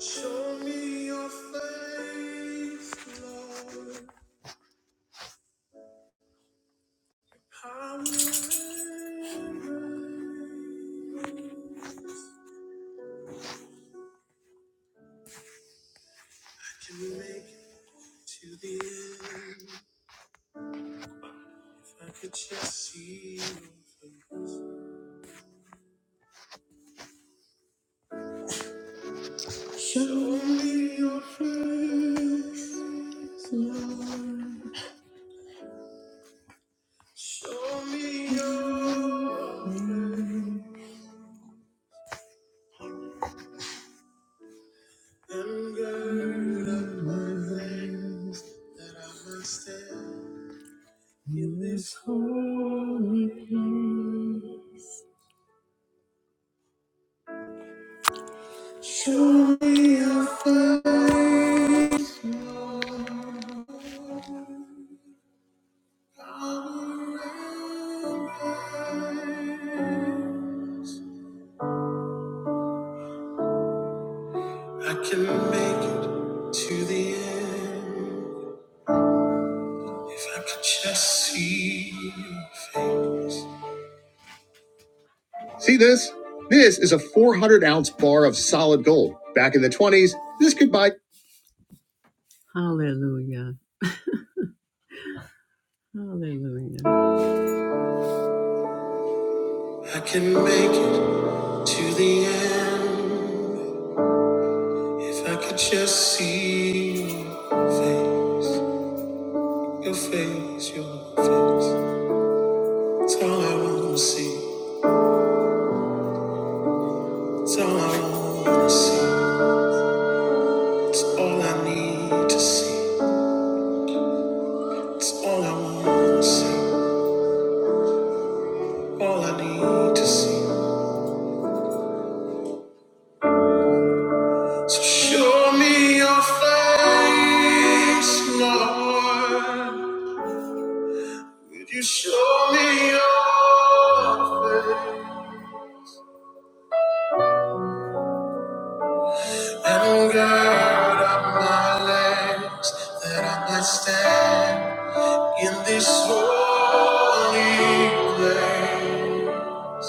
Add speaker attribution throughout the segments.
Speaker 1: Show me your face, Lord. I will embrace. Can we make it to the end? If I could just see your face. Show me your face, Lord. Show me your face. And gird up my things that I must have. In this holy place, show me your face, Lord. Power and grace. I can make it to the end if I could just see your face. See this? This is a 400 ounce bar of solid gold. Back in the 20s, this could buy. Hallelujah. Hallelujah. I can make it to the end if I could just see your face, your face, your face. It's all I want to see. It's all I want to see. It's all I need to see. It's all I want to see. All I need to see. So show me your face, Lord. Could you show me your face? And gird up my legs that I might stand in this holy place.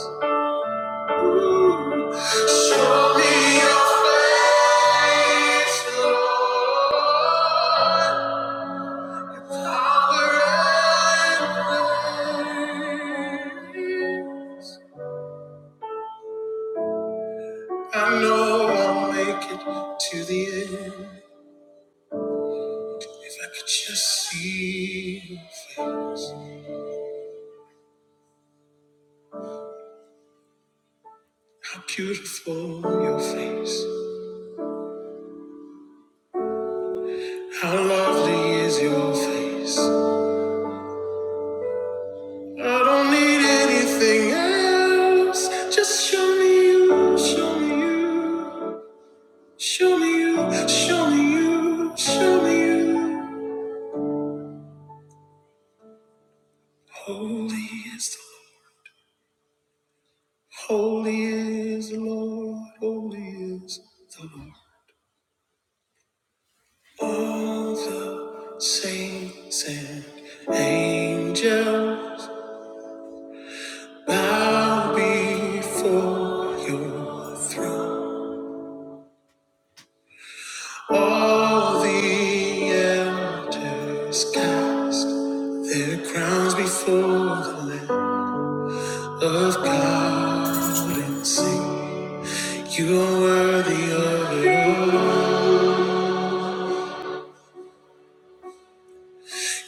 Speaker 1: Show me your face, Lord, power and grace. I know I'll make it to the end if I could just see your face. How beautiful your face. How lovely is your face. I don't need anything else. Just show me you, show me you. Show me you, show me you, show me you. Holy is the Lord. Holy is the Lord. Holy is the Lord. All the saints and angels. Bow before your throne. All the elders cast their crowns before the Lamb of God and sing. You are worthy of it all.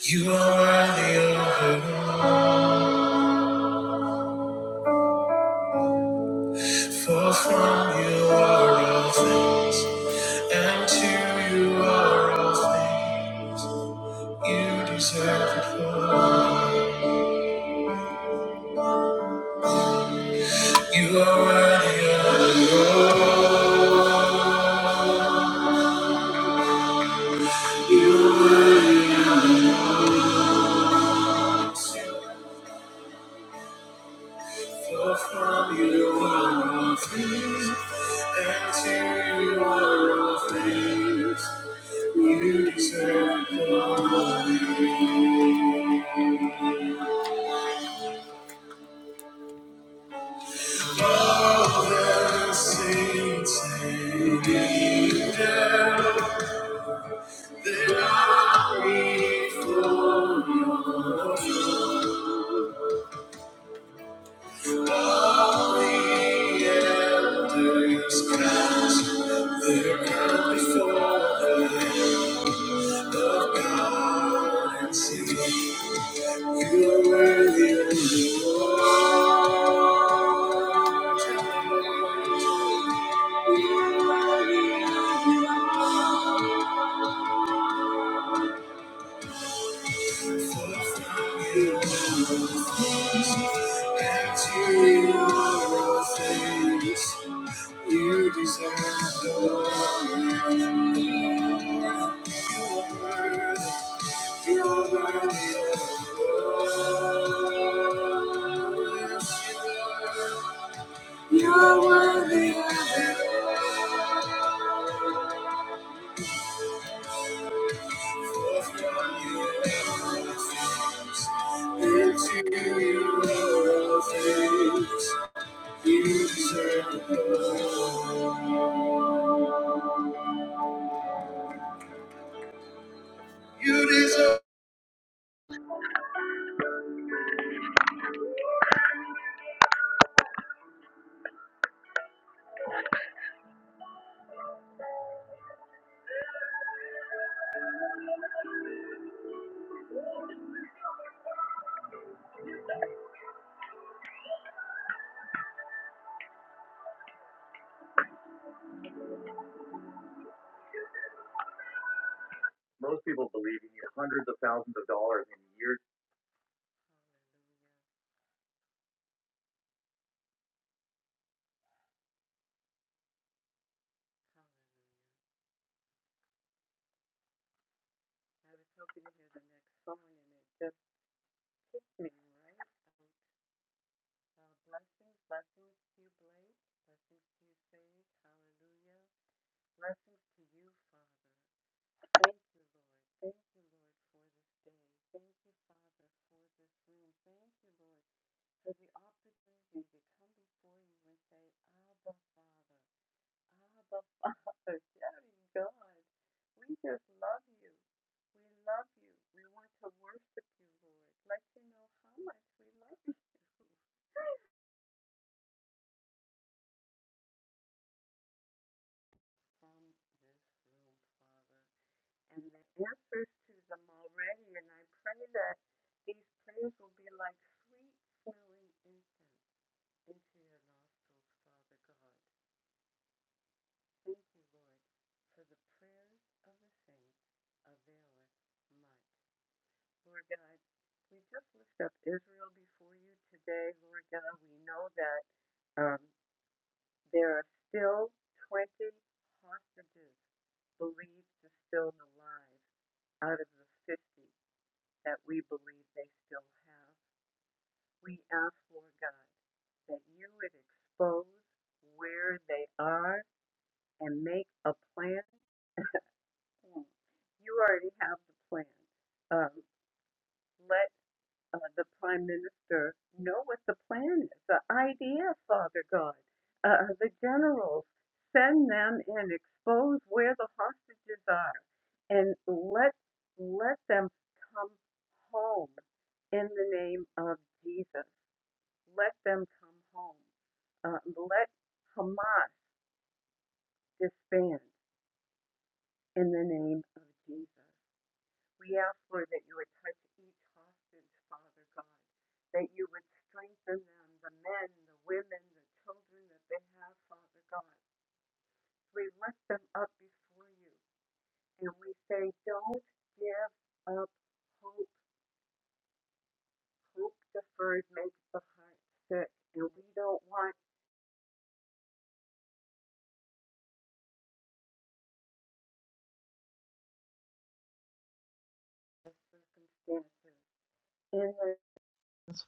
Speaker 1: You are worthy of it all. For from you are all things, and to you are all things. You deserve it all. You are worthy of it. you are worthy of it. For from you are all things, and to you are all things. You deserve glory. All the saints and angels, they bow before your throne. through all the elders cast their crown before the Lamb of God and sing, You are worthy, O Lord, to be praised. You deserve the Lord. You are worthy. You are worthy of You are worthy of Yes,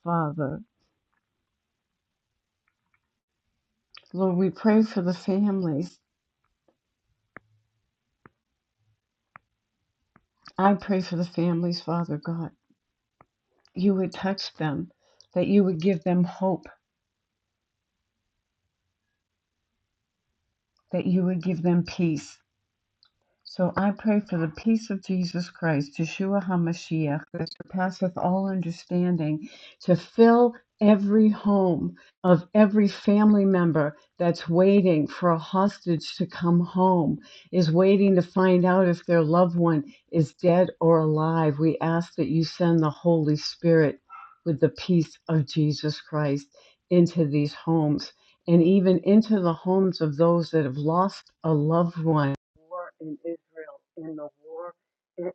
Speaker 1: Father. Lord, we pray for the families. I pray for the families, Father God. You would touch them, that you would give them hope, that you would give them peace. So I pray for the peace of Jesus Christ, Yeshua HaMashiach, that surpasseth all understanding, to fill every home of every family member that's waiting for a hostage to come home, is waiting to find out if their loved one is dead or alive. We ask that you send the Holy Spirit with the peace of Jesus Christ into these homes and even into the homes of those that have lost a loved one Israel in the war in,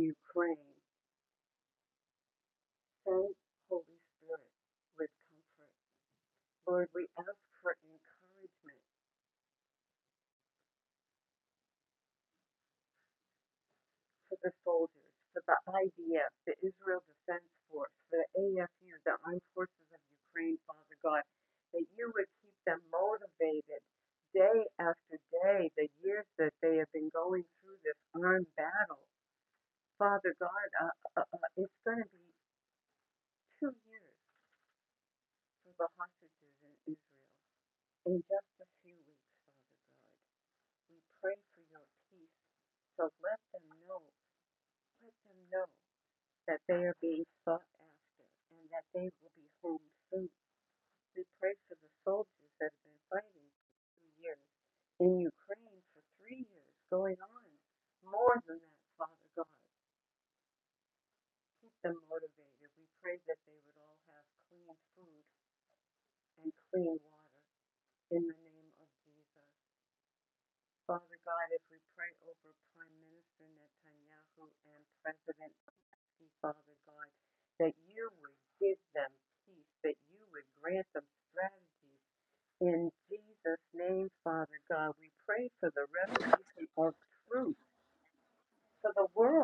Speaker 1: Ukraine.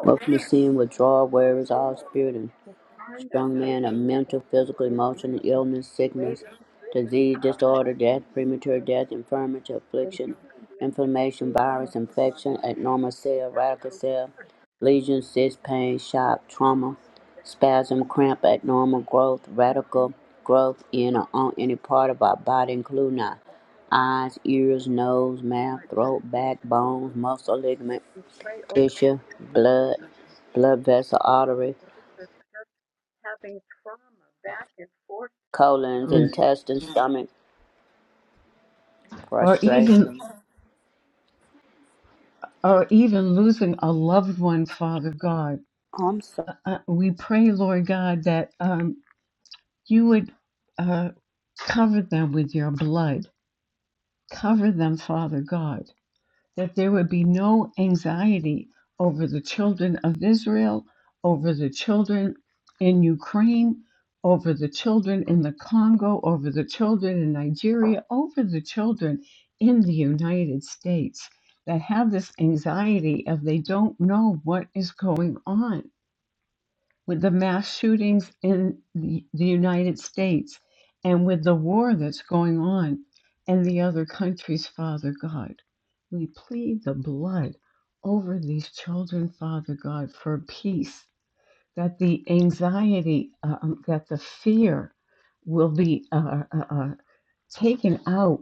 Speaker 2: Welcome to Seeing Withdrawal, wearers, all spirit and strong man of mental, physical, emotional illness, sickness, disease, disorder, death, premature death, infirmity, affliction, inflammation, virus, infection, abnormal cell, radical cell, lesions, cyst, pain, shock, trauma, spasm, cramp, abnormal growth, radical growth in or on any part of our body, including our eyes, ears, nose, mouth, throat, back, bones, muscle, ligament tissue, blood, blood vessel, artery, colons, intestine, stomach,
Speaker 1: or
Speaker 2: prostrate.
Speaker 1: even or even losing a loved one, Father God.
Speaker 2: Oh, I'm sorry.
Speaker 1: Uh, uh, we pray, Lord God, that um, you would uh, cover them with your blood. Cover them, Father God. that there would be no anxiety over the children of Israel, over the children in Ukraine, over the children in the Congo, over the children in Nigeria, over the children in the United States that have this anxiety of they don't know what is going on with the mass shootings in the, the United States and with the war that's going on in the other countries, Father God. We plead the blood over these children, Father God, for peace, that the anxiety, uh, um, that the fear will be uh, uh, uh, taken out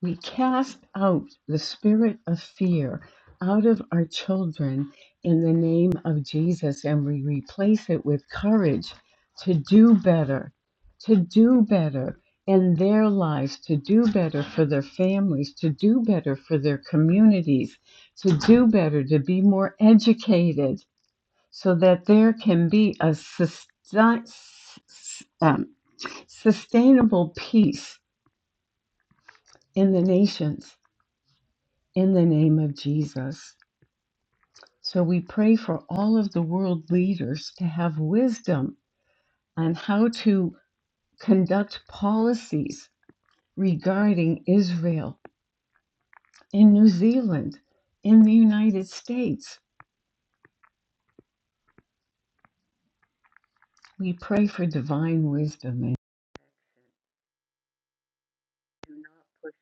Speaker 1: we cast out the spirit of fear out of our children in the name of Jesus and we replace it with courage to do better, to do better in their lives, to do better for their families, to do better for their communities, to do better, to be more educated so that there can be a sustain- um, sustainable peace in the nations in the name of Jesus. So we pray for all of the world leaders to have wisdom on how to conduct policies regarding Israel in New Zealand, in the United States. We pray for divine wisdom and do not push.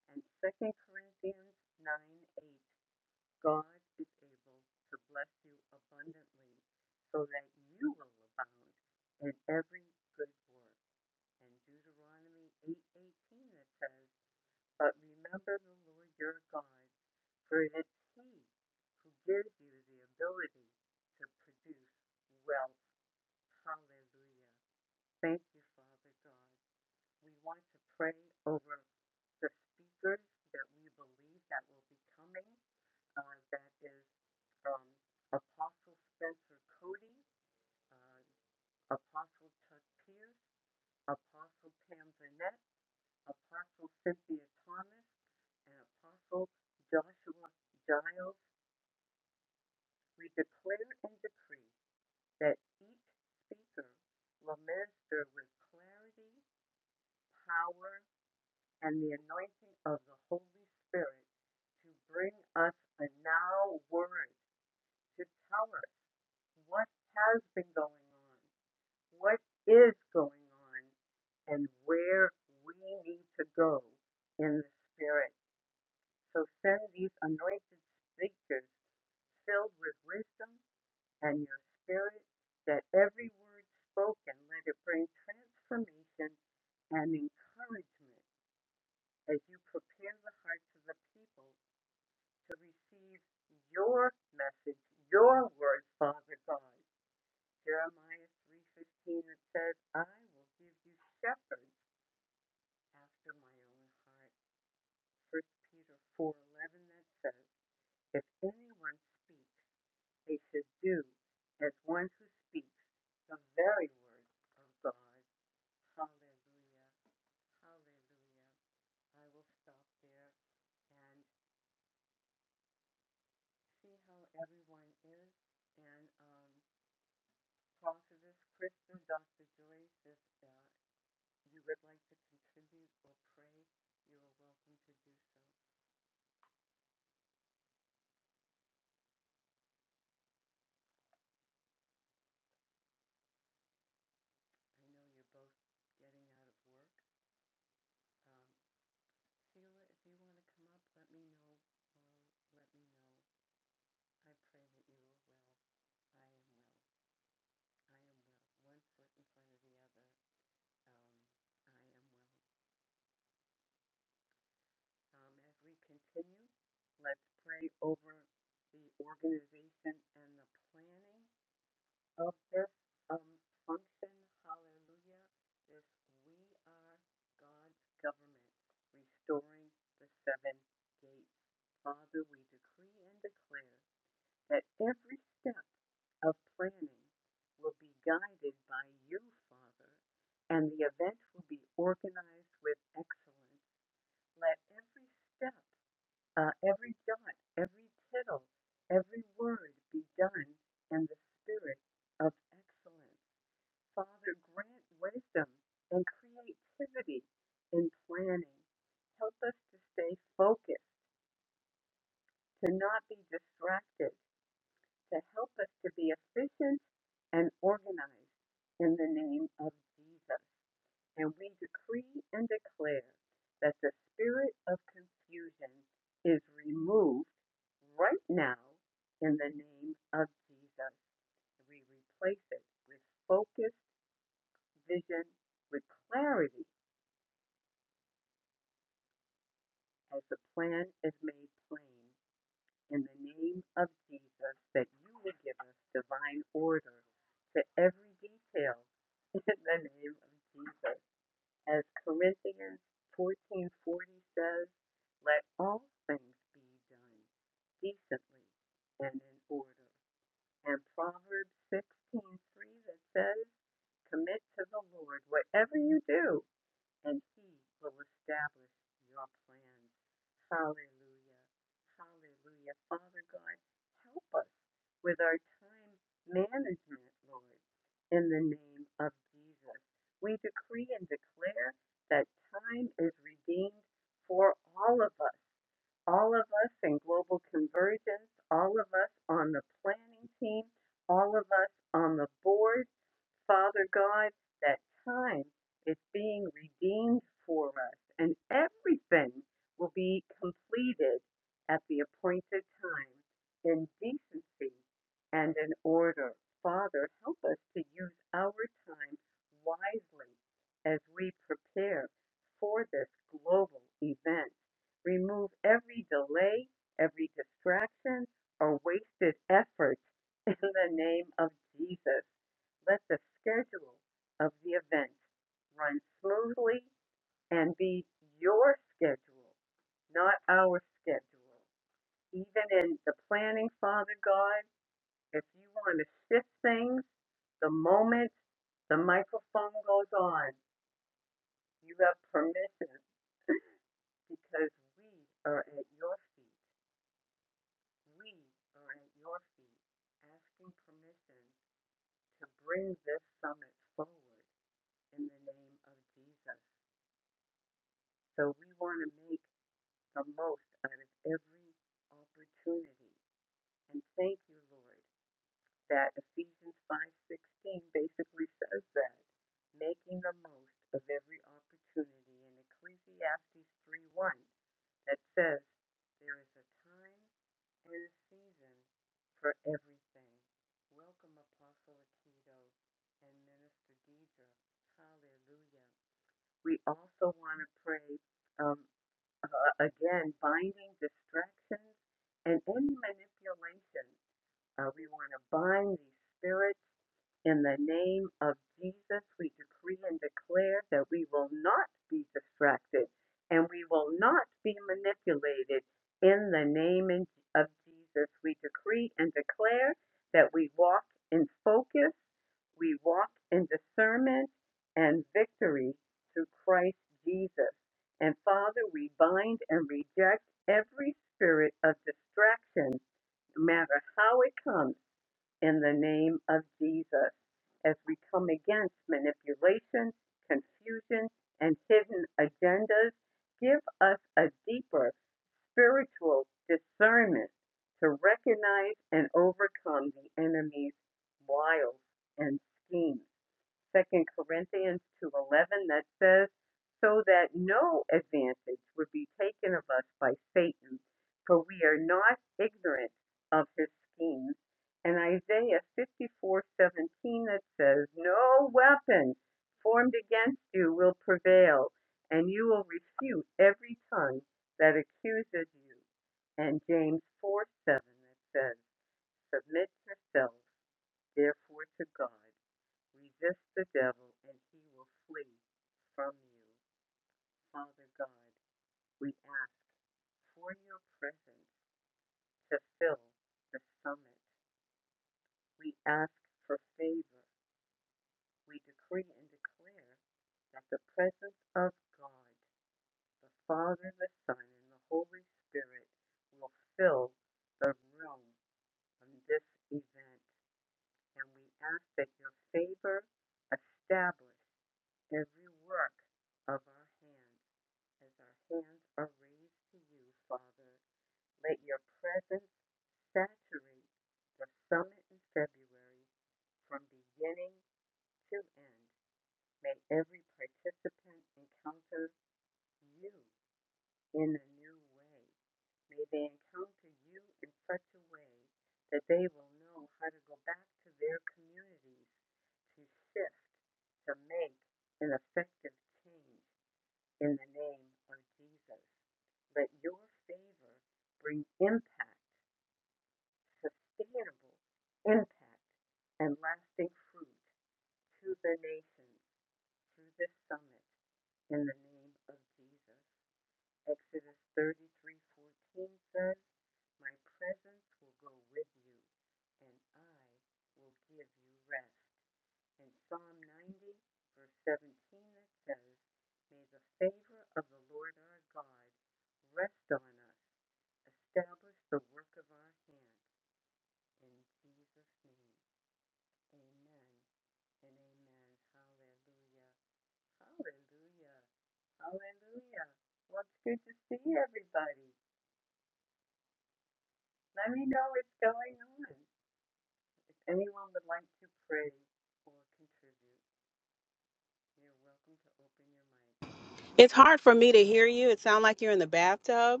Speaker 3: It's hard for me to hear you. It sounds like you're in the bathtub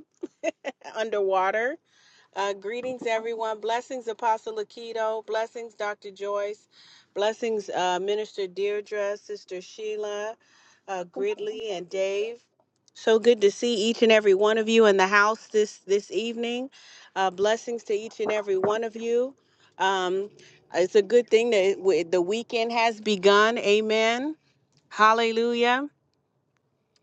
Speaker 3: underwater. Uh, greetings, everyone. Blessings, Apostle Aikido. Blessings, Dr. Joyce. Blessings, uh, Minister Deirdre, Sister Sheila, uh, Gridley, and Dave. So good to see each and every one of you in the house this this evening. Uh, blessings to each and every one of you. Um, it's a good thing that it- the weekend has begun. Amen. Hallelujah.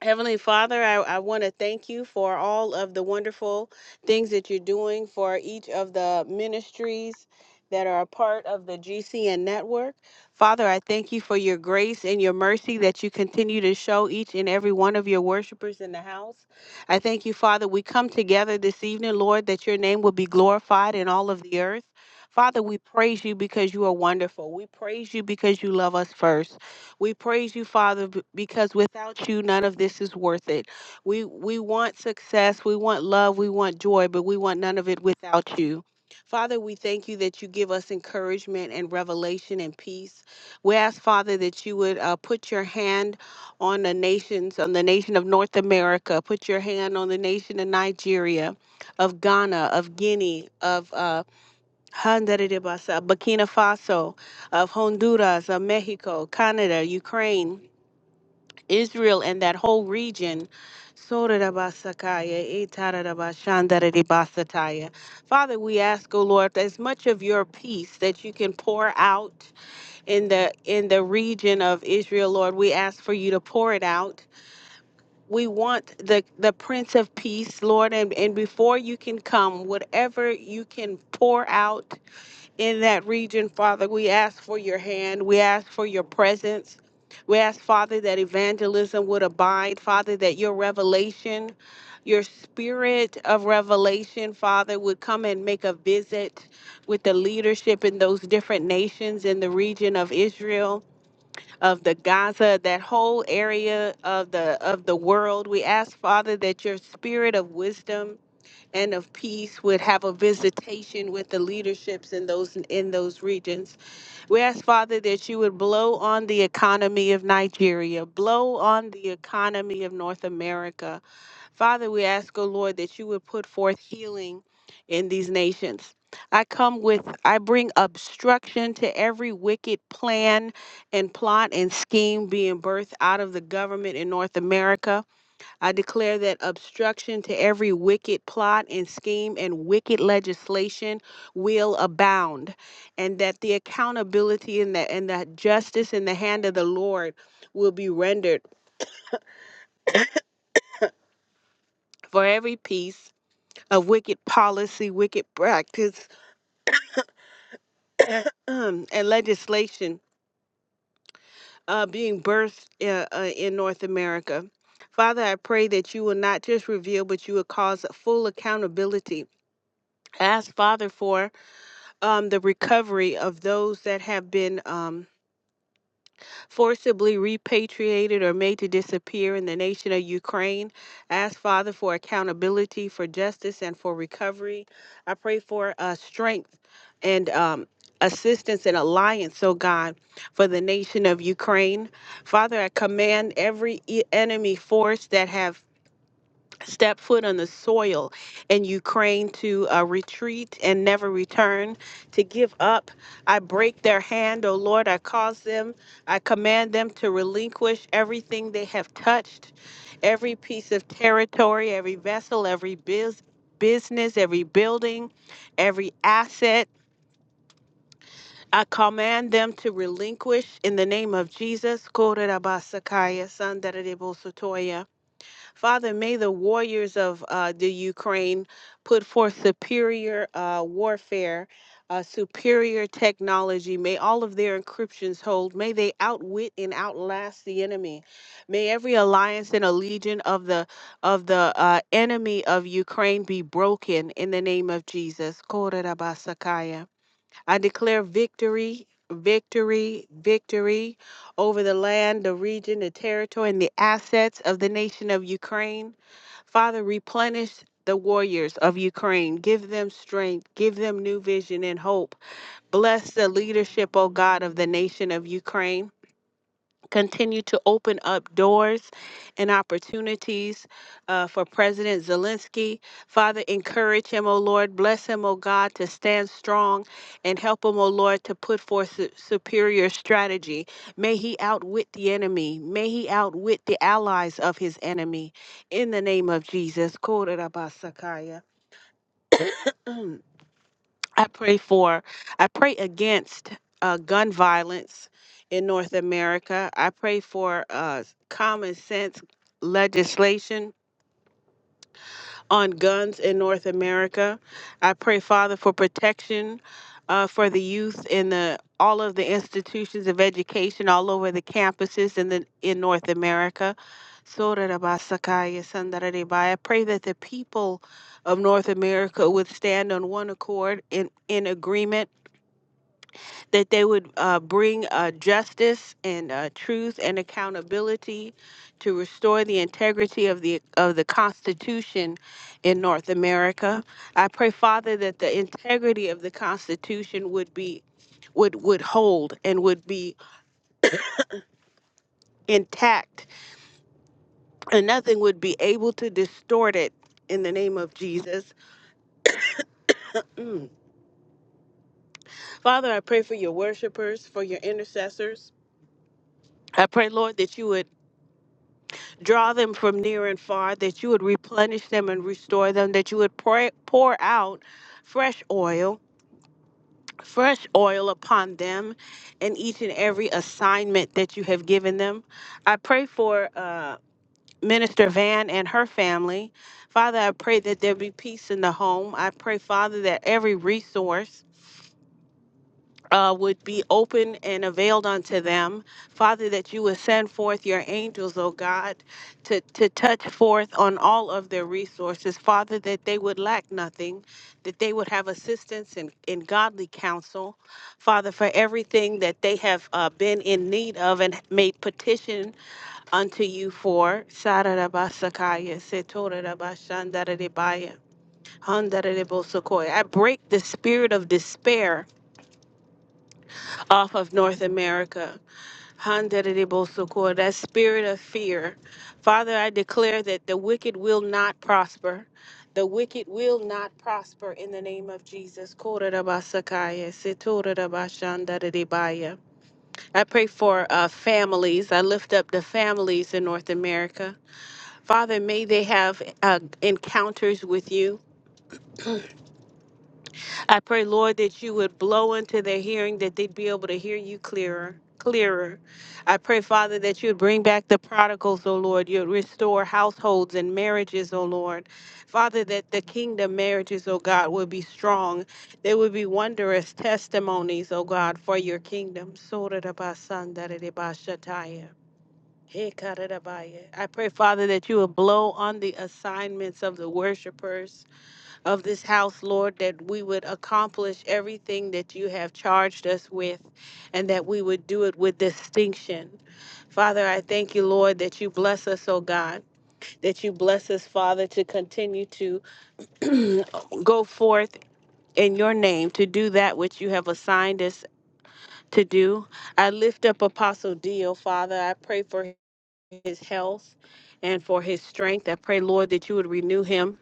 Speaker 3: Heavenly Father, I, I want to thank you for all of the wonderful things that you're doing for each of the ministries that are a part of the GCN network. Father, I thank you for your grace and your mercy that you continue to show each and every one of your worshipers in the house. I thank you, Father, we come together this evening, Lord, that your name will be glorified in all of the earth. Father, we praise you because you are wonderful. We praise you because you love us first. We praise you, Father, b- because without you, none of this is worth it. We we want success, we want love, we want joy, but we want none of it without you. Father, we thank you that you give us encouragement and revelation and peace. We ask, Father, that you would uh, put your hand on the nations, on the nation of North America, put your hand on the nation of Nigeria, of Ghana, of Guinea, of uh, Handaridibasa, of Burkina Faso, of Honduras, of Mexico, Canada, Ukraine, Israel, and that whole region. Sorirabasakaya, itarirabashandariribasataya. Father, we ask, O Lord, as much of your peace that you can pour out in the in the region of Israel, Lord, we ask for you to pour it out. We want the the Prince of Peace, Lord, and, and before you can come, whatever you can pour out in that region, Father. We ask for your hand. We ask for your presence. We ask, Father, that evangelism would abide, Father, that your revelation, your spirit of revelation, Father, would come and make a visit with the leadership in those different nations in the region of Israel, of the Gaza, that whole area of the of the world. We ask, Father, that your spirit of wisdom and of peace would have a visitation with the leaderships in those in those regions. We ask Father that you would blow on the economy of Nigeria, blow on the economy of North America. Father, we ask, O Lord, that you would put forth healing in these nations. I come with I bring obstruction to every wicked plan and plot and scheme being birthed out of the government in North America. I declare that obstruction to every wicked plot and scheme and wicked legislation will abound, and that the accountability and the, and the justice in the hand of the Lord will be rendered for every piece of wicked policy, wicked practice, um, and legislation uh, being birthed uh, uh, in North America. Father, I pray that you will not just reveal, but you will cause full accountability. I Ask Father for um, the recovery of those that have been um, forcibly repatriated or made to disappear in the nation of Ukraine. Ask Father for accountability, for justice, and for recovery. I pray for uh, strength and um, assistance and alliance, oh God, for the nation of Ukraine. Father, I command every e- enemy force that have step foot on the soil in Ukraine to uh, retreat and never return, to give up. I break their hand, O Lord. I cause them, I command them to relinquish everything they have touched, every piece of territory, every vessel, every biz, business, every building, every asset. I command them to relinquish in the name of Jesus. Korerabasakaya, sandarebosotoya. Father, may the warriors of uh, the Ukraine put forth superior uh, warfare, uh, superior technology. May all of their encryptions hold. May they outwit and outlast the enemy. May every alliance and allegiance of the of the uh, enemy of Ukraine be broken in the name of Jesus. Korerabasakaya. I declare victory, victory, victory over the land, the region, the territory, and the assets of the nation of Ukraine. Father, replenish the warriors of Ukraine. Give them strength. Give them new vision and hope. Bless the leadership, O God, of the nation of Ukraine continue to open up doors and opportunities uh, for President Zelensky. Father, encourage him, O Lord. Bless him, O God, to stand strong and help him, O Lord, to put forth su- superior strategy. May he outwit the enemy. May he outwit the allies of his enemy. In the name of Jesus. Kororabasakaya. I pray for, I pray against uh, gun violence in North America. I pray for uh, common sense legislation on guns in North America. I pray, Father, for protection uh, for the youth in the all of the institutions of education all over the campuses in the in North America. Sorarabasakaya sandararibai. I pray that the people of North America would stand on one accord in, in agreement that they would uh, bring uh, justice and uh, truth and accountability to restore the integrity of the of the Constitution in North America. I pray, Father, that the integrity of the Constitution would be would would hold and would be intact, and nothing would be able to distort it. In the name of Jesus, Mm. Father, I pray for your worshipers, for your intercessors. I pray, Lord, that you would Draw them from near and far, that you would replenish them and restore them, that you would pour, pour out fresh oil, fresh oil upon them in each and every assignment that you have given them. I pray for uh, Minister Van and her family. Father, I pray that there be peace in the home. I pray, Father, that every resource uh, would be open and availed unto them. Father, that you would send forth your angels, O God, to, to touch forth on all of their resources. Father, that they would lack nothing, that they would have assistance in, in godly counsel. Father, for everything that they have uh, been in need of and made petition unto you for. Sararabasakaya, setorarabashandaradebaya, handaradebosokoya. I break the spirit of despair off of North America. Handeribosokor, That spirit of fear. Father, I declare that the wicked will not prosper. The wicked will not prosper in the name of Jesus. Korerabasakaya, sitorerabashandaridibaya. I pray for uh, families. I lift up the families in North America. Father, may they have uh, encounters with you. I pray, Lord, that you would blow into their hearing, that they'd be able to hear you clearer, clearer. I pray, Father, that you would bring back the prodigals, O Lord. You'd restore households and marriages, O Lord. Father, that the kingdom marriages, O God, would be strong. They would be wondrous testimonies, O God, for your kingdom. Sotarabasandararebashataya. Hekarabaya. I pray, Father, that you would blow on the assignments of the worshipers of this house, Lord, that we would accomplish everything that you have charged us with and that we would do it with distinction. Father, I thank you, Lord, that you bless us, oh God, that you bless us, Father, to continue to go forth in your name to do that which you have assigned us to do. I lift up Apostle D, oh Father. I pray for his health and for his strength. I pray, Lord, that you would renew him.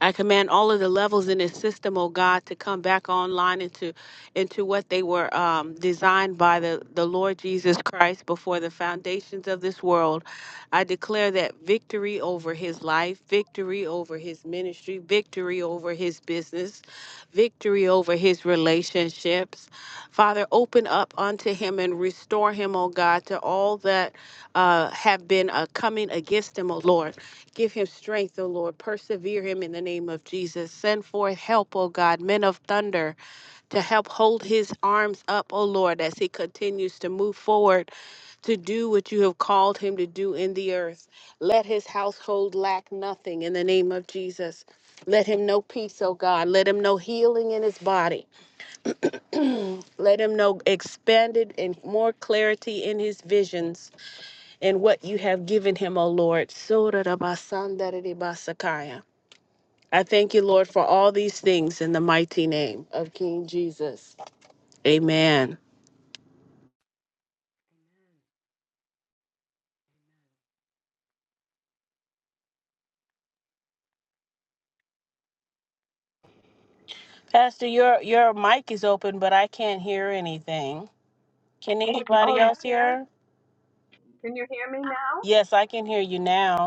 Speaker 3: I command all of the levels in this system, oh God, to come back online into into what they were um, designed by the, the Lord Jesus Christ before the foundations of this world. I declare that victory over his life, victory over his ministry, victory over his business, victory over his relationships. Father, open up unto him and restore him, O God, to all that uh, have been uh, coming against him, O Lord. Give him strength, O Lord. Persevere him in the name of Jesus. Send forth help, O God, men of thunder to help hold his arms up, O Lord, as he continues to move forward to do what you have called him to do in the earth. Let his household lack nothing in the name of Jesus. Let him know peace, oh God. Let him know healing in his body. Let him know expanded and more clarity in his visions and what you have given him, oh Lord. Sorarabasandaribasakaya. I thank you, Lord, for all these things in the mighty name of King Jesus. Amen. Pastor, your your mic is open, but I can't hear anything. Can anybody else hear? Yes, I can hear you now.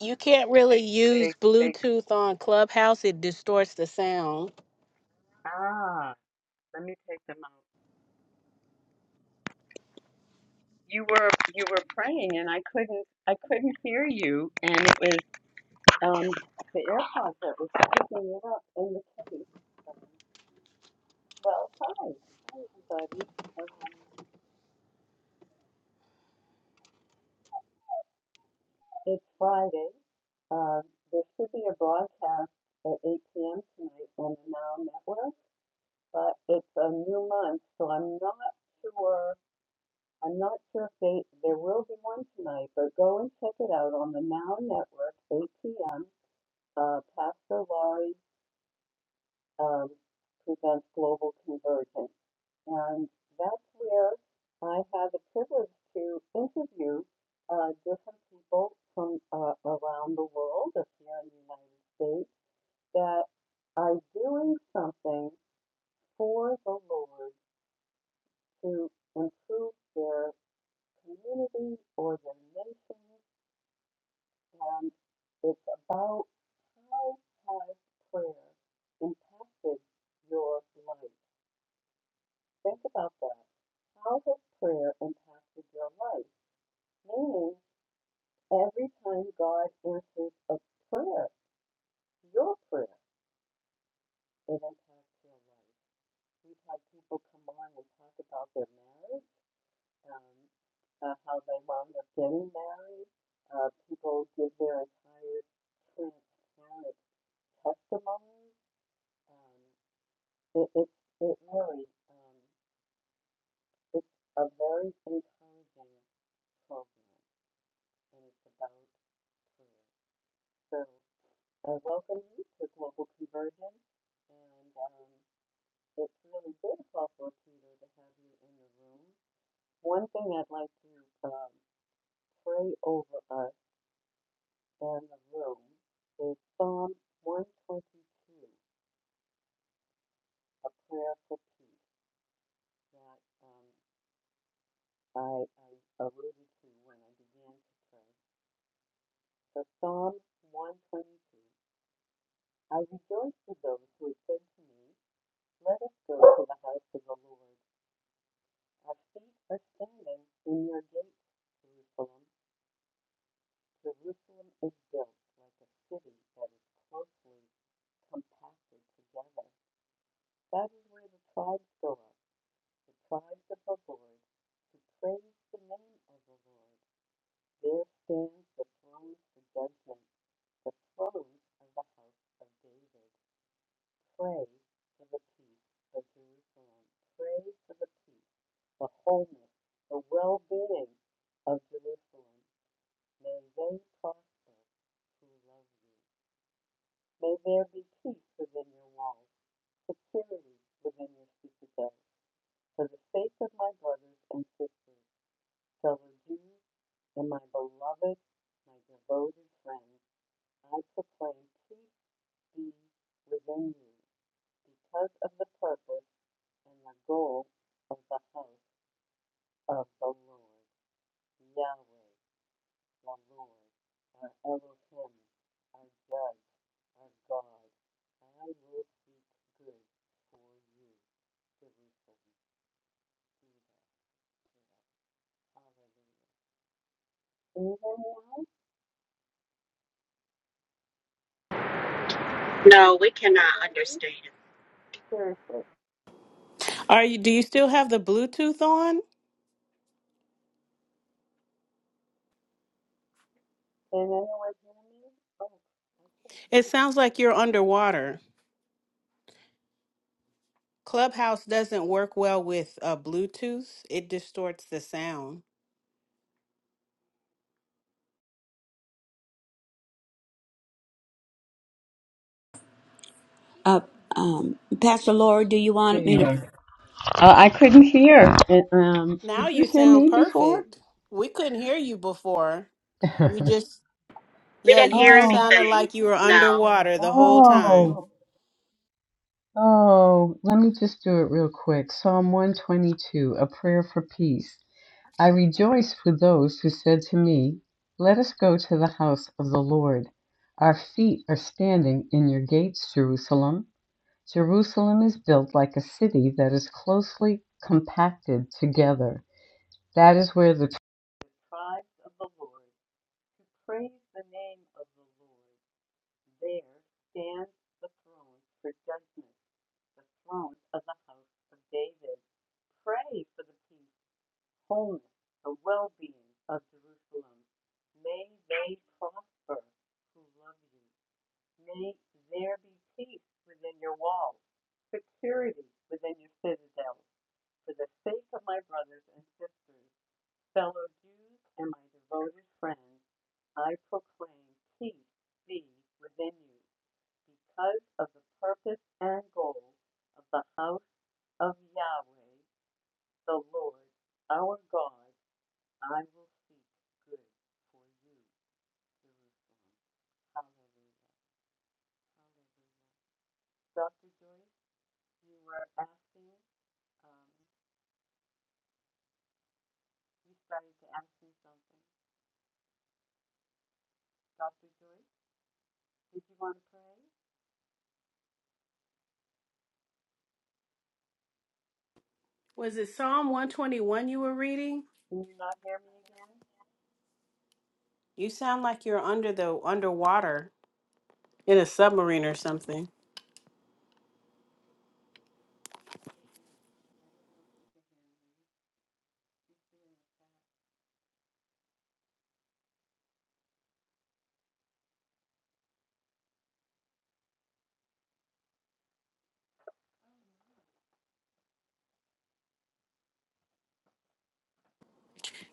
Speaker 3: You can't really use Bluetooth on Clubhouse. It distorts the sound.
Speaker 4: No, we cannot understand.
Speaker 3: Are you do you still have the Bluetooth on? It sounds like you're underwater. Clubhouse doesn't work well with uh, Bluetooth. It distorts the sound.
Speaker 2: Uh, um, Pastor Laura, do you want me to?
Speaker 1: Welfare. Uh, I couldn't hear. It, um,
Speaker 3: Now
Speaker 1: did you
Speaker 3: you
Speaker 1: hear
Speaker 3: sound
Speaker 1: me before?
Speaker 3: perfect. We couldn't hear you before. You just
Speaker 4: We
Speaker 3: yeah,
Speaker 4: didn't
Speaker 3: you
Speaker 4: hear
Speaker 3: just
Speaker 1: Oh,
Speaker 3: sounded
Speaker 4: anything.
Speaker 3: like you were
Speaker 4: No.
Speaker 3: underwater the whole time.
Speaker 1: oh, oh. Let me just do it real quick. Psalm 122, a prayer for peace. I rejoiced with those who said to me, Let us go to the house of the Lord. Our feet are standing in your gates, Jerusalem. Jerusalem is built like a city that is closely compacted together. That is where the.
Speaker 3: Was it Psalm 121 you were reading? You sound like you're under the underwater in a submarine or something.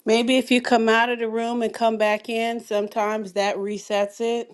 Speaker 3: Maybe if you come out of the room and come back in, sometimes that resets it.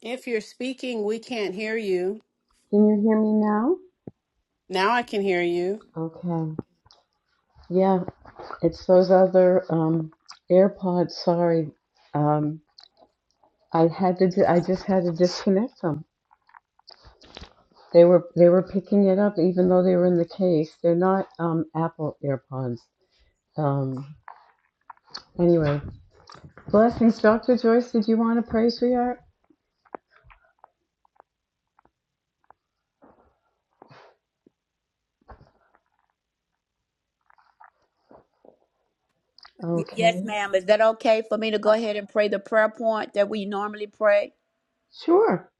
Speaker 3: If you're speaking, we can't hear you.
Speaker 1: Can you hear me now?
Speaker 3: Now I can hear you.
Speaker 1: Okay. Yeah. It's those other um, AirPods. Sorry, um, I had to. di- I just had to disconnect them. They were they were picking it up even though they were in the case. They're not um, Apple AirPods. Um, anyway, blessings, Dr. Joyce. Did you want to pray, sweetheart?
Speaker 2: Y- Yes,
Speaker 1: Okay,
Speaker 2: ma'am. Is that okay for me to go ahead and pray the prayer point that we normally pray?
Speaker 1: sure.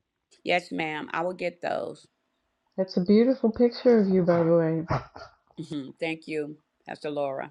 Speaker 2: Yes, ma'am. I will get those.
Speaker 1: That's a beautiful picture of you, by the way.
Speaker 2: hmm Thank you, Pastor Laura.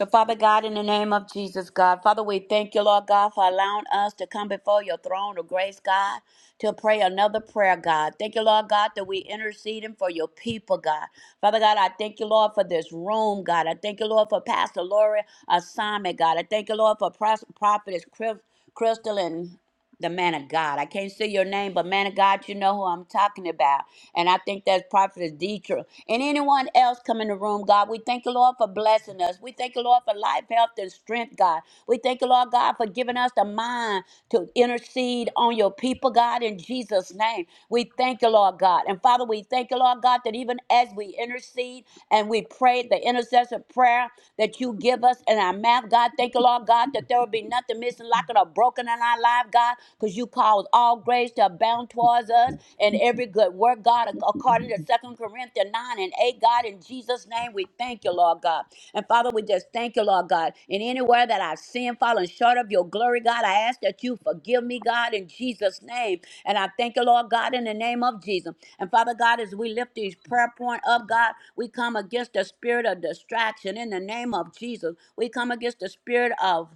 Speaker 2: So, Father God, in the name of Jesus, God, Father, we thank you, Lord God, for allowing us to come before your throne of grace, God, to pray another prayer, God. Thank you, Lord God, that we interceding for your people, God. Father God, I thank you, Lord, for this room, God. I thank you, Lord, for Pastor Lori assignment, God. I thank you, Lord, for Pros- Prophetess Chris- Crystal and the man of God. I can't say your name, but man of God, you know who I'm talking about. And I think that's Prophetess Dietra. And anyone else come in the room, God, we thank you, Lord, for blessing us. We thank you, Lord, for life, health, and strength, God. We thank you, Lord God, for giving us the mind to intercede on your people, God, in Jesus' name. We thank you, Lord God. And Father, we thank you, Lord God, that even as we intercede and we pray the intercessor prayer that you give us in our mouth, God, thank you, Lord God, that there will be nothing missing, lacking, or broken in our life, God, because you cause all grace to abound towards us and every good work, God, according to Second Corinthians 9 and 8, God, in Jesus' Jesus' name, we thank you, Lord God. And Father, we just thank you, Lord God. In anywhere that I've sinned, fallen short of your glory, God, I ask that you forgive me, God, in Jesus' name. And I thank you, Lord God, in the name of Jesus. And Father God, as we lift these prayer point up, God, we come against the spirit of distraction in the name of Jesus. We come against the spirit of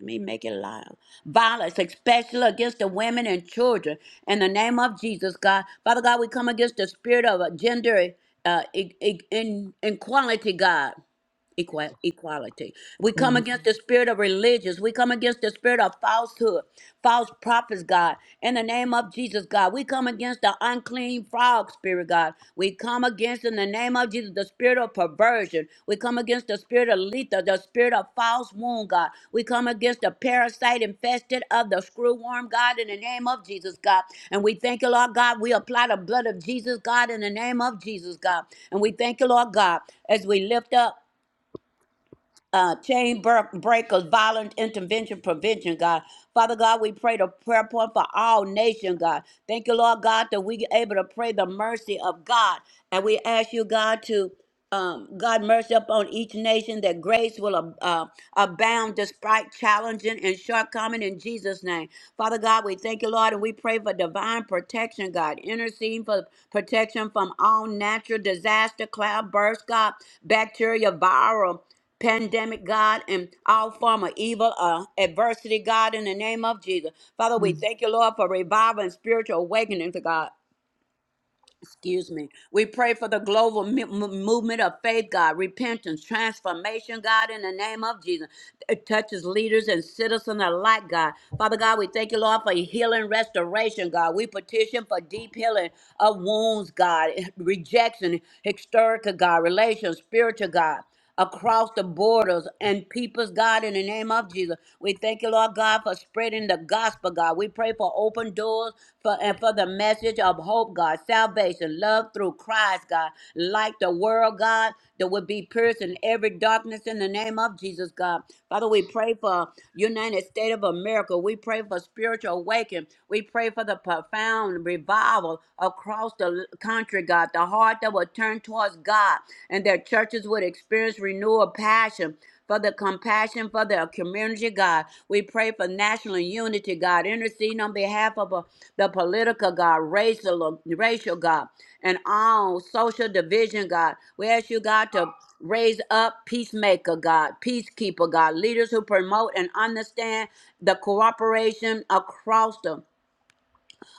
Speaker 2: let me make it loud. Violence, especially against the women and children. In the name of Jesus, God. Father God, we come against the spirit of uh, gender uh, e- e- in, inequality, God equal, equality. We come
Speaker 1: Mm,
Speaker 2: against the spirit of religious. We come against the spirit of falsehood, false prophets, God. In the name of Jesus, God, we come against the unclean frog spirit, God. We come against, in the name of Jesus, the spirit of perversion. We come against the spirit of letha, the spirit of false wound, God. We come against the parasite infested of the screwworm, God, in the name of Jesus, God. And we thank you, Lord God. We apply the blood of Jesus, God, in the name of Jesus, God. And we thank you, Lord God, as we lift up uh, chain bur- breakers, violent intervention, prevention, God. Father God, we pray the prayer point for all nation, God. Thank you, Lord God, that we able to pray the mercy of God. And we ask you, God, to um, God mercy upon each nation that grace will ab- uh, abound despite challenging and shortcoming in Jesus' name. Father God, we thank you, Lord, and we pray for divine protection, God. Interceding for protection from all natural disaster, cloud bursts, God, bacteria, viral pandemic, God, and all form of evil, uh, adversity, God, in the name of Jesus. Father, we thank you, Lord, for revival and spiritual awakening to God. Excuse me. We pray for the global mi- mo- movement of faith, God, repentance, transformation, God, in the name of Jesus. It touches leaders and citizens alike, God. Father God, we thank you, Lord, for healing, restoration, God. We petition for deep healing of wounds, God, rejection, historical, God, relations, spiritual, God across the borders and peoples, God, in the name of Jesus. We thank you, Lord God, for spreading the gospel, God. We pray for open doors for and for the message of hope, God, salvation, love through Christ, God, like the world, God, that would be pierced in every darkness in the name of Jesus, God. Father, we pray for United States of America. We pray for spiritual awakening. We pray for the profound revival across the country country, God, the heart that will turn towards God, and their churches would experience renewal passion for the compassion for their community, God. We pray for national unity, God. Intercede on behalf of uh, the political, God, racial, uh, racial, God, and all social division, God. We ask you, God, to raise up peacemaker, God, peacekeeper, God, leaders who promote and understand the cooperation across the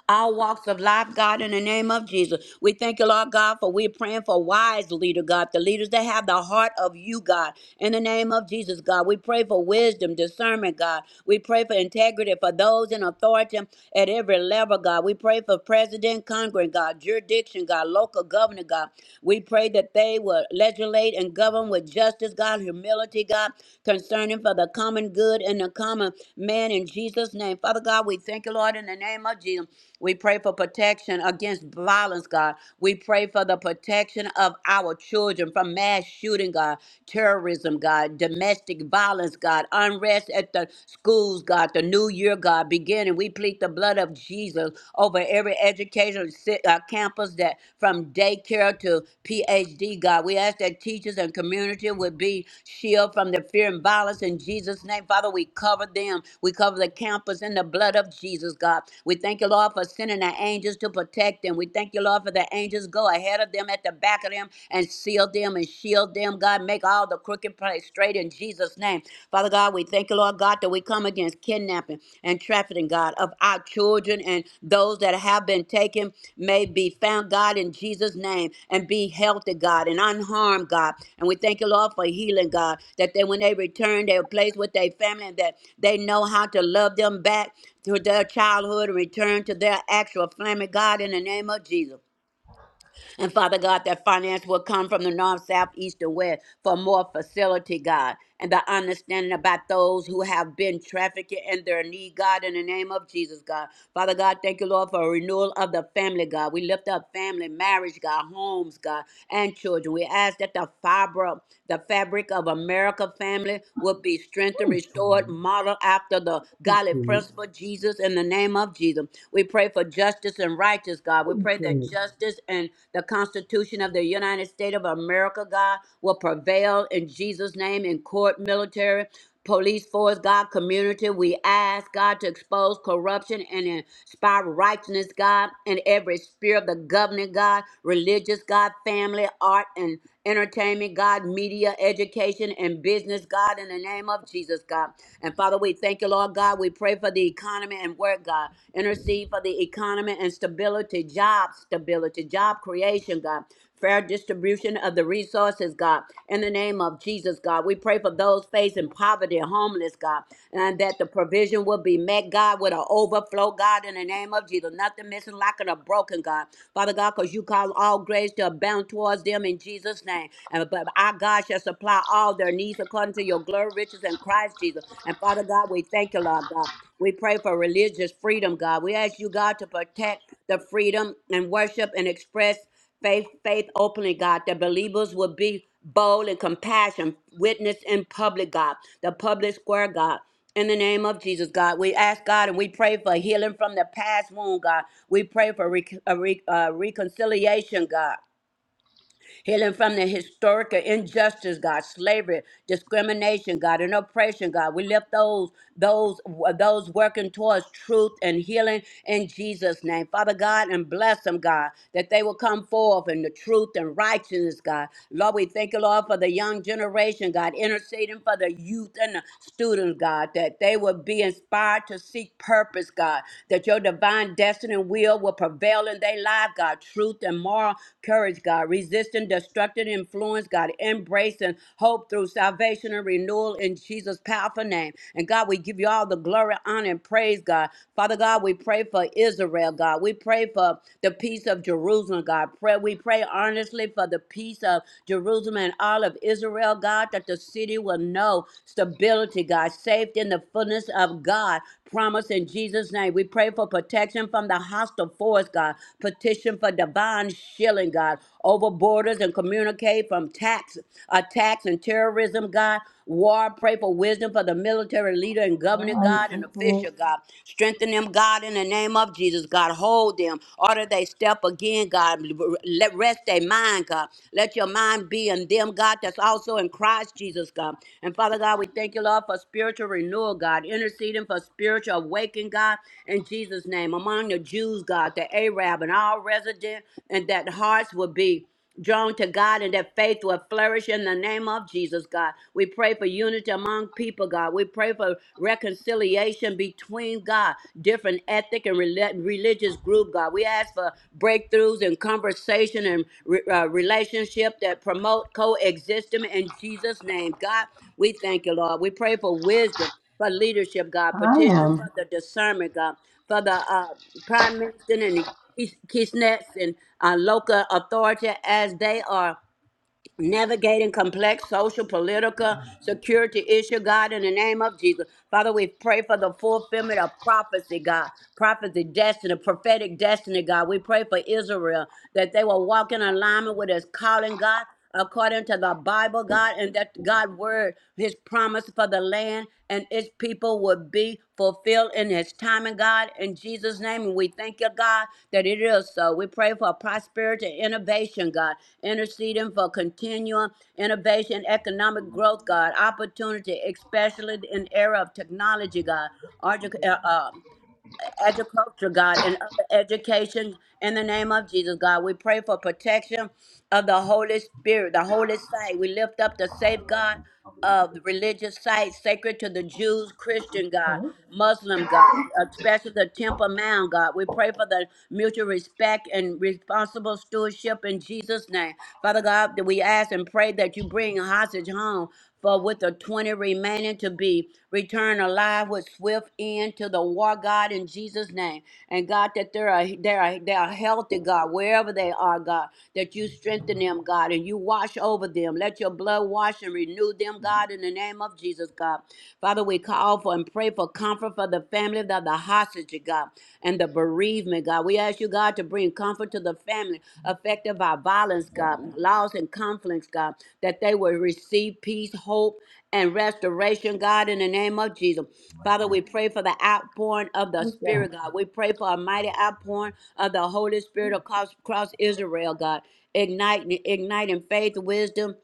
Speaker 2: our walks of life, God, in the name of Jesus. We thank you, Lord God, for we're praying for wise leader, God, the leaders that have the heart of you, God, in the name of Jesus, God. We pray for wisdom, discernment, God. We pray for integrity for those in authority at every level, God. We pray for president, Congress, God, jurisdiction, God, local governor, God. We pray that they will legislate and govern with justice, God, humility authority, God, concerning for the common good and the common man in Jesus' name. Father God, we thank you, Lord, in the name of Jesus. We pray for protection against violence, God. We pray for the protection of our children from mass shooting, God, terrorism, God, domestic violence, God, unrest at the schools, God, the new year, God, beginning. We plead the blood of Jesus over every education educational si- uh, campus that from daycare to PhD, God. We ask that teachers and community would be shielded from the fear and violence in Jesus' name. Father, we cover them. We cover the campus in the blood of Jesus, God. We thank you, Lord, for sending the angels to protect them. We thank you, Lord, for the angels go ahead of them at the back of them and seal them and shield them, God. Make all the crooked place straight in Jesus' name. Father God, we thank you, Lord God, that we come against kidnapping and trafficking, God, of our children and those that have been taken may be found, God, in Jesus' name and be healthy, God, and unharmed, God. And we thank you, Lord, for healing, God, that they, when they return, they're placed with their family and that they know how to love them back to their childhood and return to their actual family, God, in the name of Jesus. And Father God, that finance will come from the north, south, east, and west for more facility, God, and the understanding about those who have been trafficked in their need, God, in the name of Jesus, God. Father God, thank you, Lord, for a renewal of the family, God. We lift up family, marriage, God, homes, God, and children. We ask that the fiber, the fabric of America family will be strengthened, restored, modeled after the godly principle, Jesus, in the name of Jesus. We pray for justice and righteous, God. We pray that justice and the Constitution of the United States of America, God, will prevail in Jesus' name in court, military, police force, God, community. We ask, God, to expose corruption and inspire righteousness, God, and every spirit of the governing, God, religious, God, family, art, and entertainment, God, media, education, and business, God, in the name of Jesus, God. And Father, we thank you, Lord God. We pray for the economy and work, God. Intercede for the economy and stability, job stability, job creation, God. Fair distribution of the resources, God. In the name of Jesus, God, we pray for those facing poverty, homeless, God, and that the provision will be met, God, with an overflow, God, in the name of Jesus. Nothing missing, lacking, or broken, God. Father God, because you call all grace to abound towards towards them in Jesus' name. And but our God shall supply all their needs according to your glory, riches, and Christ Jesus. And Father God, we thank you, Lord God. We pray for religious freedom, God. We ask you, God, to protect the freedom and worship and express faith, faith openly, God, that believers will be bold and compassion, witness in public, God, the public square, God. In the name of Jesus, God, we ask God and we pray for healing from the past wound, God. We pray for rec- uh, re- uh, reconciliation, God. Healing from the historical injustice, God, slavery, discrimination, God, and oppression, God. We lift those, those, those working towards truth and healing in Jesus' name. Father God, and bless them, God, that they will come forth in the truth and righteousness, God. Lord, we thank you, Lord, for the young generation, God, interceding for the youth and the students, God, that they will be inspired to seek purpose, God that your divine destiny and will will prevail in their life, God. Truth and moral courage, God. Resisting destructive influence, God. Embracing hope through salvation and renewal in Jesus' powerful name. And God, we give you all the glory, honor, and praise, God. Father God, we pray for Israel, God. We pray for the peace of Jerusalem, God. Pray, we pray earnestly for the peace of Jerusalem and all of Israel, God, that the the city will know stability, God, saved in the fullness of God. Promise in Jesus' name. We pray for protection from the hostile force, God. Petition for divine shielding, God, over borders and communicate from tax attacks and terrorism, God. War, pray for wisdom for the military leader and governor,
Speaker 1: All right,
Speaker 2: God, and official,
Speaker 1: okay.
Speaker 2: God. Strengthen them, God, in the name of Jesus, God. Hold them. Order they step up again, God. Let rest their mind, God. Let your mind be in them, God, that's also in Christ Jesus, God. And Father God, we thank you, Lord, for spiritual renewal, God, interceding for spiritual awakening, God, in Jesus' name. Among the Jews, God, the Arab and all resident, and that hearts will be drawn to God and that faith will flourish in the name of Jesus, God. We pray for unity among people, God. We pray for reconciliation between, God, different ethnic and rel- religious group, God. We ask for breakthroughs in conversation and re- uh, relationship that promote coexistence in Jesus' name, God. We thank you, Lord. We pray for wisdom for leadership, God.
Speaker 1: I
Speaker 2: Petition
Speaker 1: am.
Speaker 2: for the discernment, God. For the uh, prime minister and the Keys- Keysnets and uh, local authority as they are navigating complex social, political, security issue, God, in the name of Jesus. Father, we pray for the fulfillment of prophecy, God. Prophecy, destiny, prophetic destiny, God. We pray for Israel that they will walk in alignment with His calling, God according to the Bible, God, and that God word, his promise for the land and its people would be fulfilled in his time and God in Jesus name and we thank you God that it is so we pray for prosperity innovation God interceding for continuum innovation economic growth God opportunity especially in era of technology God Artic- uh, uh, agriculture, God, and other education in the name of Jesus, God. We pray for protection of the Holy Spirit, the holy site. We lift up the safeguard of the religious sites sacred to the Jews, Christian, God, Muslim, God, especially the Temple Mount, God. We pray for the mutual respect and responsible stewardship in Jesus' name. Father God, that we ask and pray that you bring hostage home for with the twenty remaining to be, returned alive with swift end to the war, God, in Jesus' name. And God, that they are they are they are healthy, God, wherever they are, God, that you strengthen them, God, and you wash over them. Let your blood wash and renew them, God, in the name of Jesus, God. Father, we call for and pray for comfort for the family of the hostage, God, and the the bereavement, God. We ask you, God, to bring comfort to the family affected by violence, God, loss, and conflicts, God, that they will receive peace, hope, and restoration, God, in the name of Jesus. Father, we pray for the outpouring of the
Speaker 1: Who's
Speaker 2: Spirit,
Speaker 1: that?
Speaker 2: God. We pray for a mighty outpouring of the Holy Spirit across, across Israel, God, igniting, igniting faith, wisdom,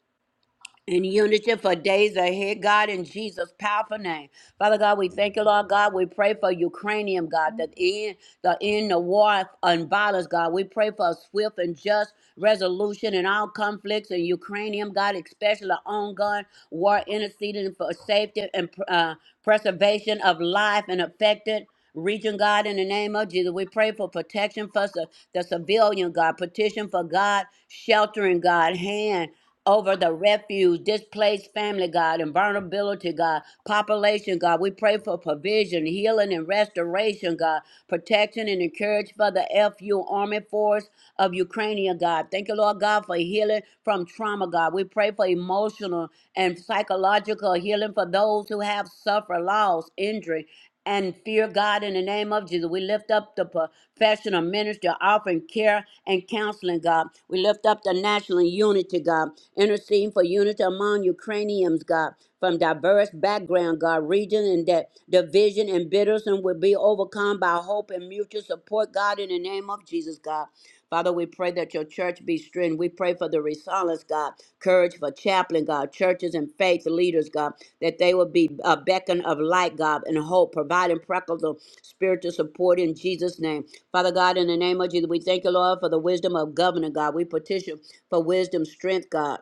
Speaker 2: in unity for days ahead, God, in Jesus' powerful name. Father God, we thank you, Lord God. We pray for Ukrainian, God, that in the end the war and violence, God. We pray for a swift and just resolution in all conflicts in Ukrainian, God, especially ongoing war interceding for safety and uh, preservation of life and affected region, God, in the name of Jesus. We pray for protection for the, the civilian, God, petition for God, sheltering, God, hand over the refuge, displaced family, God, and vulnerability, God, population, God. We pray for provision, healing, and restoration, God, protection and encourage for the FU Army Force of Ukraine, God. Thank you, Lord God, for healing from trauma, God. We pray for emotional and psychological healing for those who have suffered loss, injury, and fear God in the name of Jesus. We lift up the professional ministry offering care and counseling, God. We lift up the national unity, God, interceding for unity among Ukrainians, God, from diverse background, God, region, and that division and bitterness will be overcome by hope and mutual support, God, in the name of Jesus, God. Father, we pray that your church be strengthened. We pray for the resilience, God, courage for chaplain, God, churches and faith leaders, God, that they will be a beacon of light, God, and hope, providing practical spiritual support in Jesus' name. Father God, in the name of Jesus, we thank you, Lord, for the wisdom of governor, God. We petition for wisdom, strength, God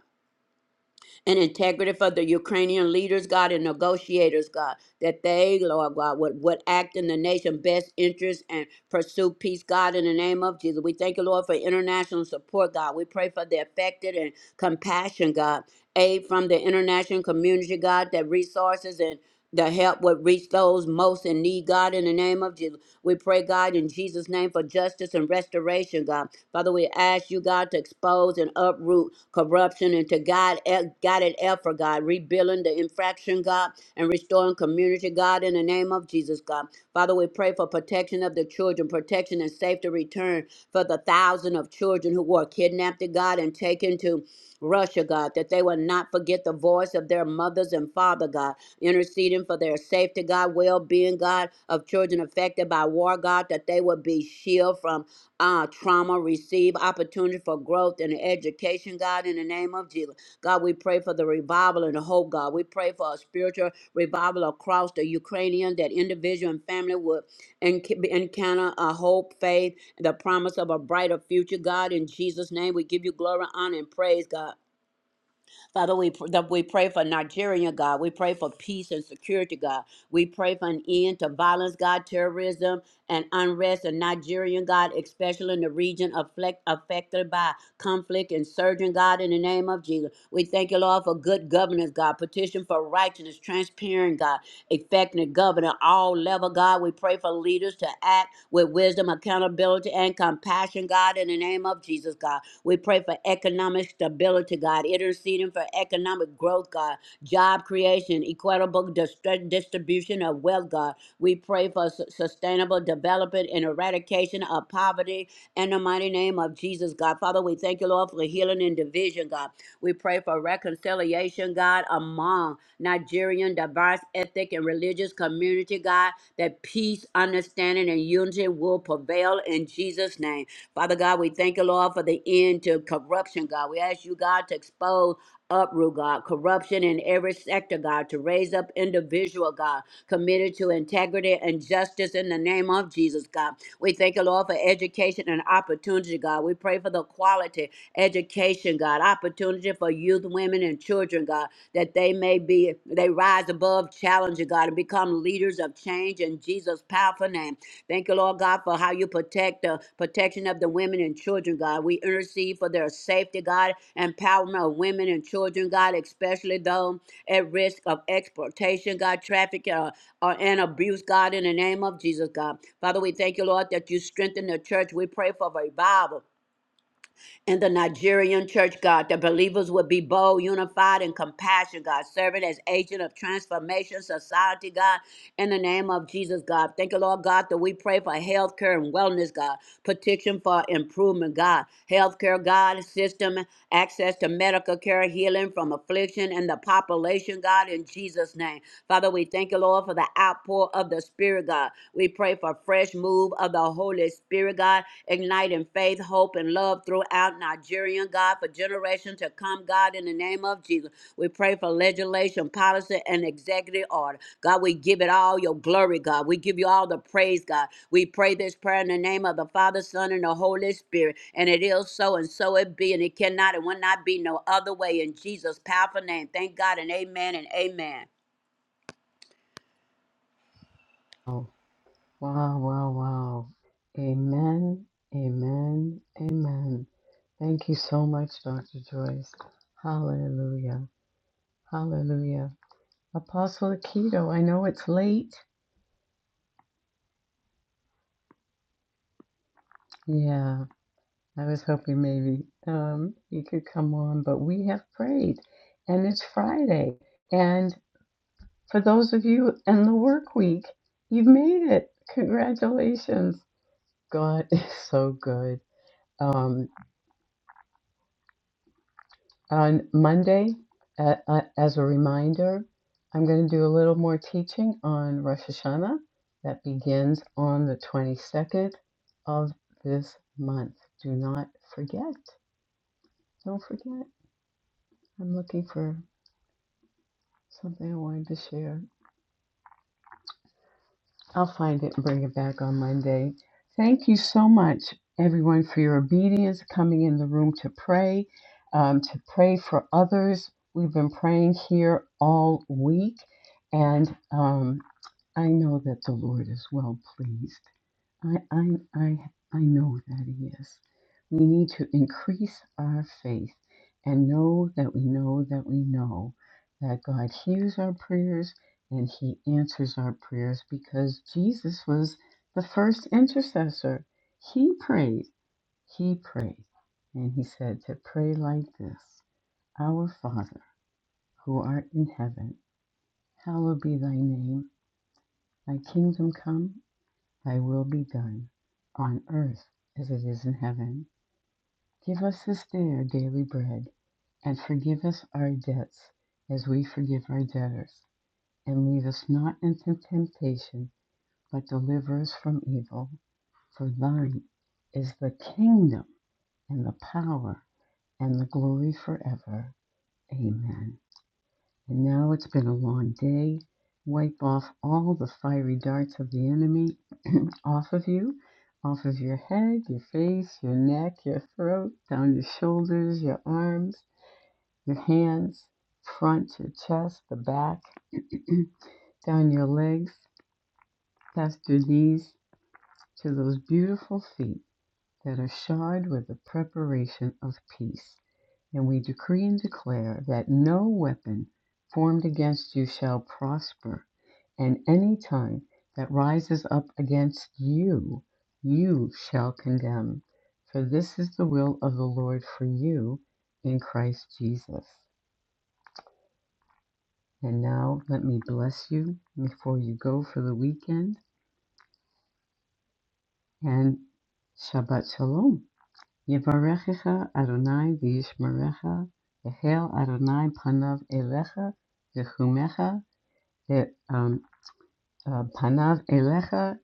Speaker 2: and integrity for the Ukrainian leaders, God, and negotiators, God, that they, Lord God, would, would act in the nation's best interest and pursue peace, God, in the name of Jesus. We thank you, Lord, for international support, God. We pray for the affected and compassion, God, aid from the international community, God, that resources and the help would reach those most in need, God, in the name of Jesus. We pray, God, in Jesus' name for justice and restoration, God. Father, we ask you, God, to expose and uproot corruption and to guide, e, guide it effort, God, rebuilding the infraction, God, and restoring community, God, in the name of Jesus, God. Father, we pray for protection of the children, protection and safety return for the thousand of children who were kidnapped, God, and taken to Russia, God, that they will not forget the voice of their mothers and father, God, interceding for their safety, God, well being, God, of children affected by war, God, that they will be shielded from uh, trauma, receive opportunity for growth and education, God, in the name of Jesus. God, we pray for the revival and the hope, God. We pray for a spiritual revival across the Ukrainian that individual and family would enc- encounter a hope, faith, the promise of a brighter future, God. In Jesus' name, we give you glory, honor, and praise, God. Father, we, pr- that we pray for Nigeria, God. We pray for peace and security, God. We pray for an end to violence, God, terrorism and unrest in Nigeria, God, especially in the region afflict, affected by conflict and surging, God, in the name of Jesus. We thank you, Lord, for good governance, God. Petition for righteousness, transparent, God, effective governor, all level, God. We pray for leaders to act with wisdom, accountability, and compassion, God, in the name of Jesus, God. We pray for economic stability, God, interceding for economic growth, God, job creation, equitable distri- distribution of wealth, God. We pray for su- sustainable development and eradication of poverty in the mighty name of Jesus, God. Father, we thank you, Lord, for healing and division, God. We pray for reconciliation, God, among Nigerian diverse ethnic and religious community, God, that peace, understanding, and unity will prevail in Jesus' name. Father God, we thank you, Lord, for the end to corruption, God. We ask you, God, to expose uproot, God, corruption in every sector, God, to raise up individual, God, committed to integrity and justice in the name of Jesus, God. We thank you, Lord, for education and opportunity, God. We pray for the quality education, God, opportunity for youth, women, and children, God, that they may be, they rise above challenges. God, and become leaders of change in Jesus' powerful name. Thank you, Lord God, for how you protect the protection of the women and children, God. We intercede for their safety, God, empowerment of women and children, God, especially those at risk of exploitation, God, trafficking uh, uh, and abuse, God, in the name of Jesus, God. Father, we thank you, Lord, that you strengthen the church. We pray for revival in the Nigerian church, God, that believers would be bold, unified, and compassionate. God, serving as agent of transformation, society, God, in the name of Jesus, God. Thank you, Lord God, that we pray for health care and wellness, God, petition for improvement, God, health care, God, system, access to medical care, healing from affliction and the population, God, in Jesus' name. Father, we thank you, Lord, for the outpour of the Spirit, God. We pray for fresh fresh move of the Holy Spirit, God, igniting faith, hope, and love throughout Nigerian, God, for generations to come, God, in the name of Jesus. We pray for legislation, policy, and executive order. God, we give it all your glory, God. We give you all the praise, God. We pray this prayer in the name of the Father, Son, and the Holy Spirit. And it is so, and so it be, and it cannot and will not be no other way. In Jesus' powerful name. Thank God, and amen, and amen.
Speaker 1: Wow, wow, wow. Amen, amen, amen. Thank you so much, Dr. Joyce. Hallelujah, hallelujah. Apostle Keto, I know it's late. Yeah, I was hoping maybe um, you could come on, but we have prayed and it's Friday. And for those of you in the work week, you've made it. Congratulations. God is so good. Um, On Monday, uh, uh, as a reminder, I'm going to do a little more teaching on Rosh Hashanah that begins on the 22nd of this month. Do not forget. Don't forget. I'm looking for something I wanted to share. I'll find it and bring it back on Monday. Thank you so much, everyone, for your obedience, coming in the room to pray, um, to pray for others. We've been praying here all week, and um, I know that the Lord is well pleased. I, I, I, I know that He is. We need to increase our faith and know that we know that we know that God hears our prayers and He answers our prayers because Jesus was the first intercessor. He prayed, He prayed, and He said to pray like this Our Father, who art in heaven, hallowed be thy name, thy kingdom come. Thy will be done on earth as it is in heaven. Give us this day our daily bread, and forgive us our debts as we forgive our debtors. And lead us not into temptation, but deliver us from evil. For thine is the kingdom, and the power, and the glory forever. Amen. And now it's been a long day. Wipe off all the fiery darts of the enemy off of you, off of your head, your face, your neck, your throat, down your shoulders, your arms, your hands, front, your chest, the back, down your legs, past your knees, to those beautiful feet that are shod with the preparation of peace. And we decree and declare that no weapon formed against you shall prosper. And any tongue that rises up against you, you shall condemn. For this is the will of the Lord for you in Christ Jesus. And now let me bless you before you go for the weekend. And Shabbat Shalom. Yevarechecha Adonai v'yishmerecha. Yehel Adonai panav elecha. V'chumecha. um, uh, Panav Elecha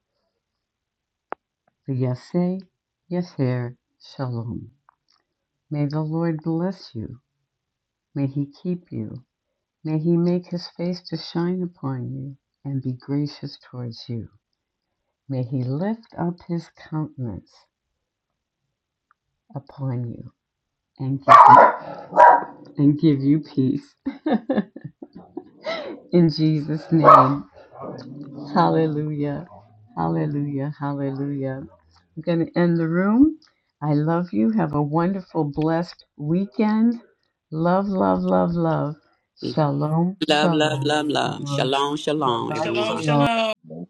Speaker 1: v'yaseh yaser shalom. May the Lord bless you. May he keep you. May he make his face to shine upon you and be gracious towards you. May he lift up his countenance upon you and give you, and give you peace. In Jesus' name, Hallelujah. Hallelujah. Hallelujah. I'm going to end the room. I love you. Have a wonderful, blessed weekend. Love, love, love, love. Shalom, shabbat
Speaker 2: Love, love,
Speaker 1: shalom.
Speaker 2: love, love.
Speaker 1: shalom.
Speaker 2: Shalom, shalom,
Speaker 1: Shabbat
Speaker 3: Shalom,
Speaker 2: everyone.
Speaker 1: shalom.
Speaker 3: shalom.
Speaker 5: Amen.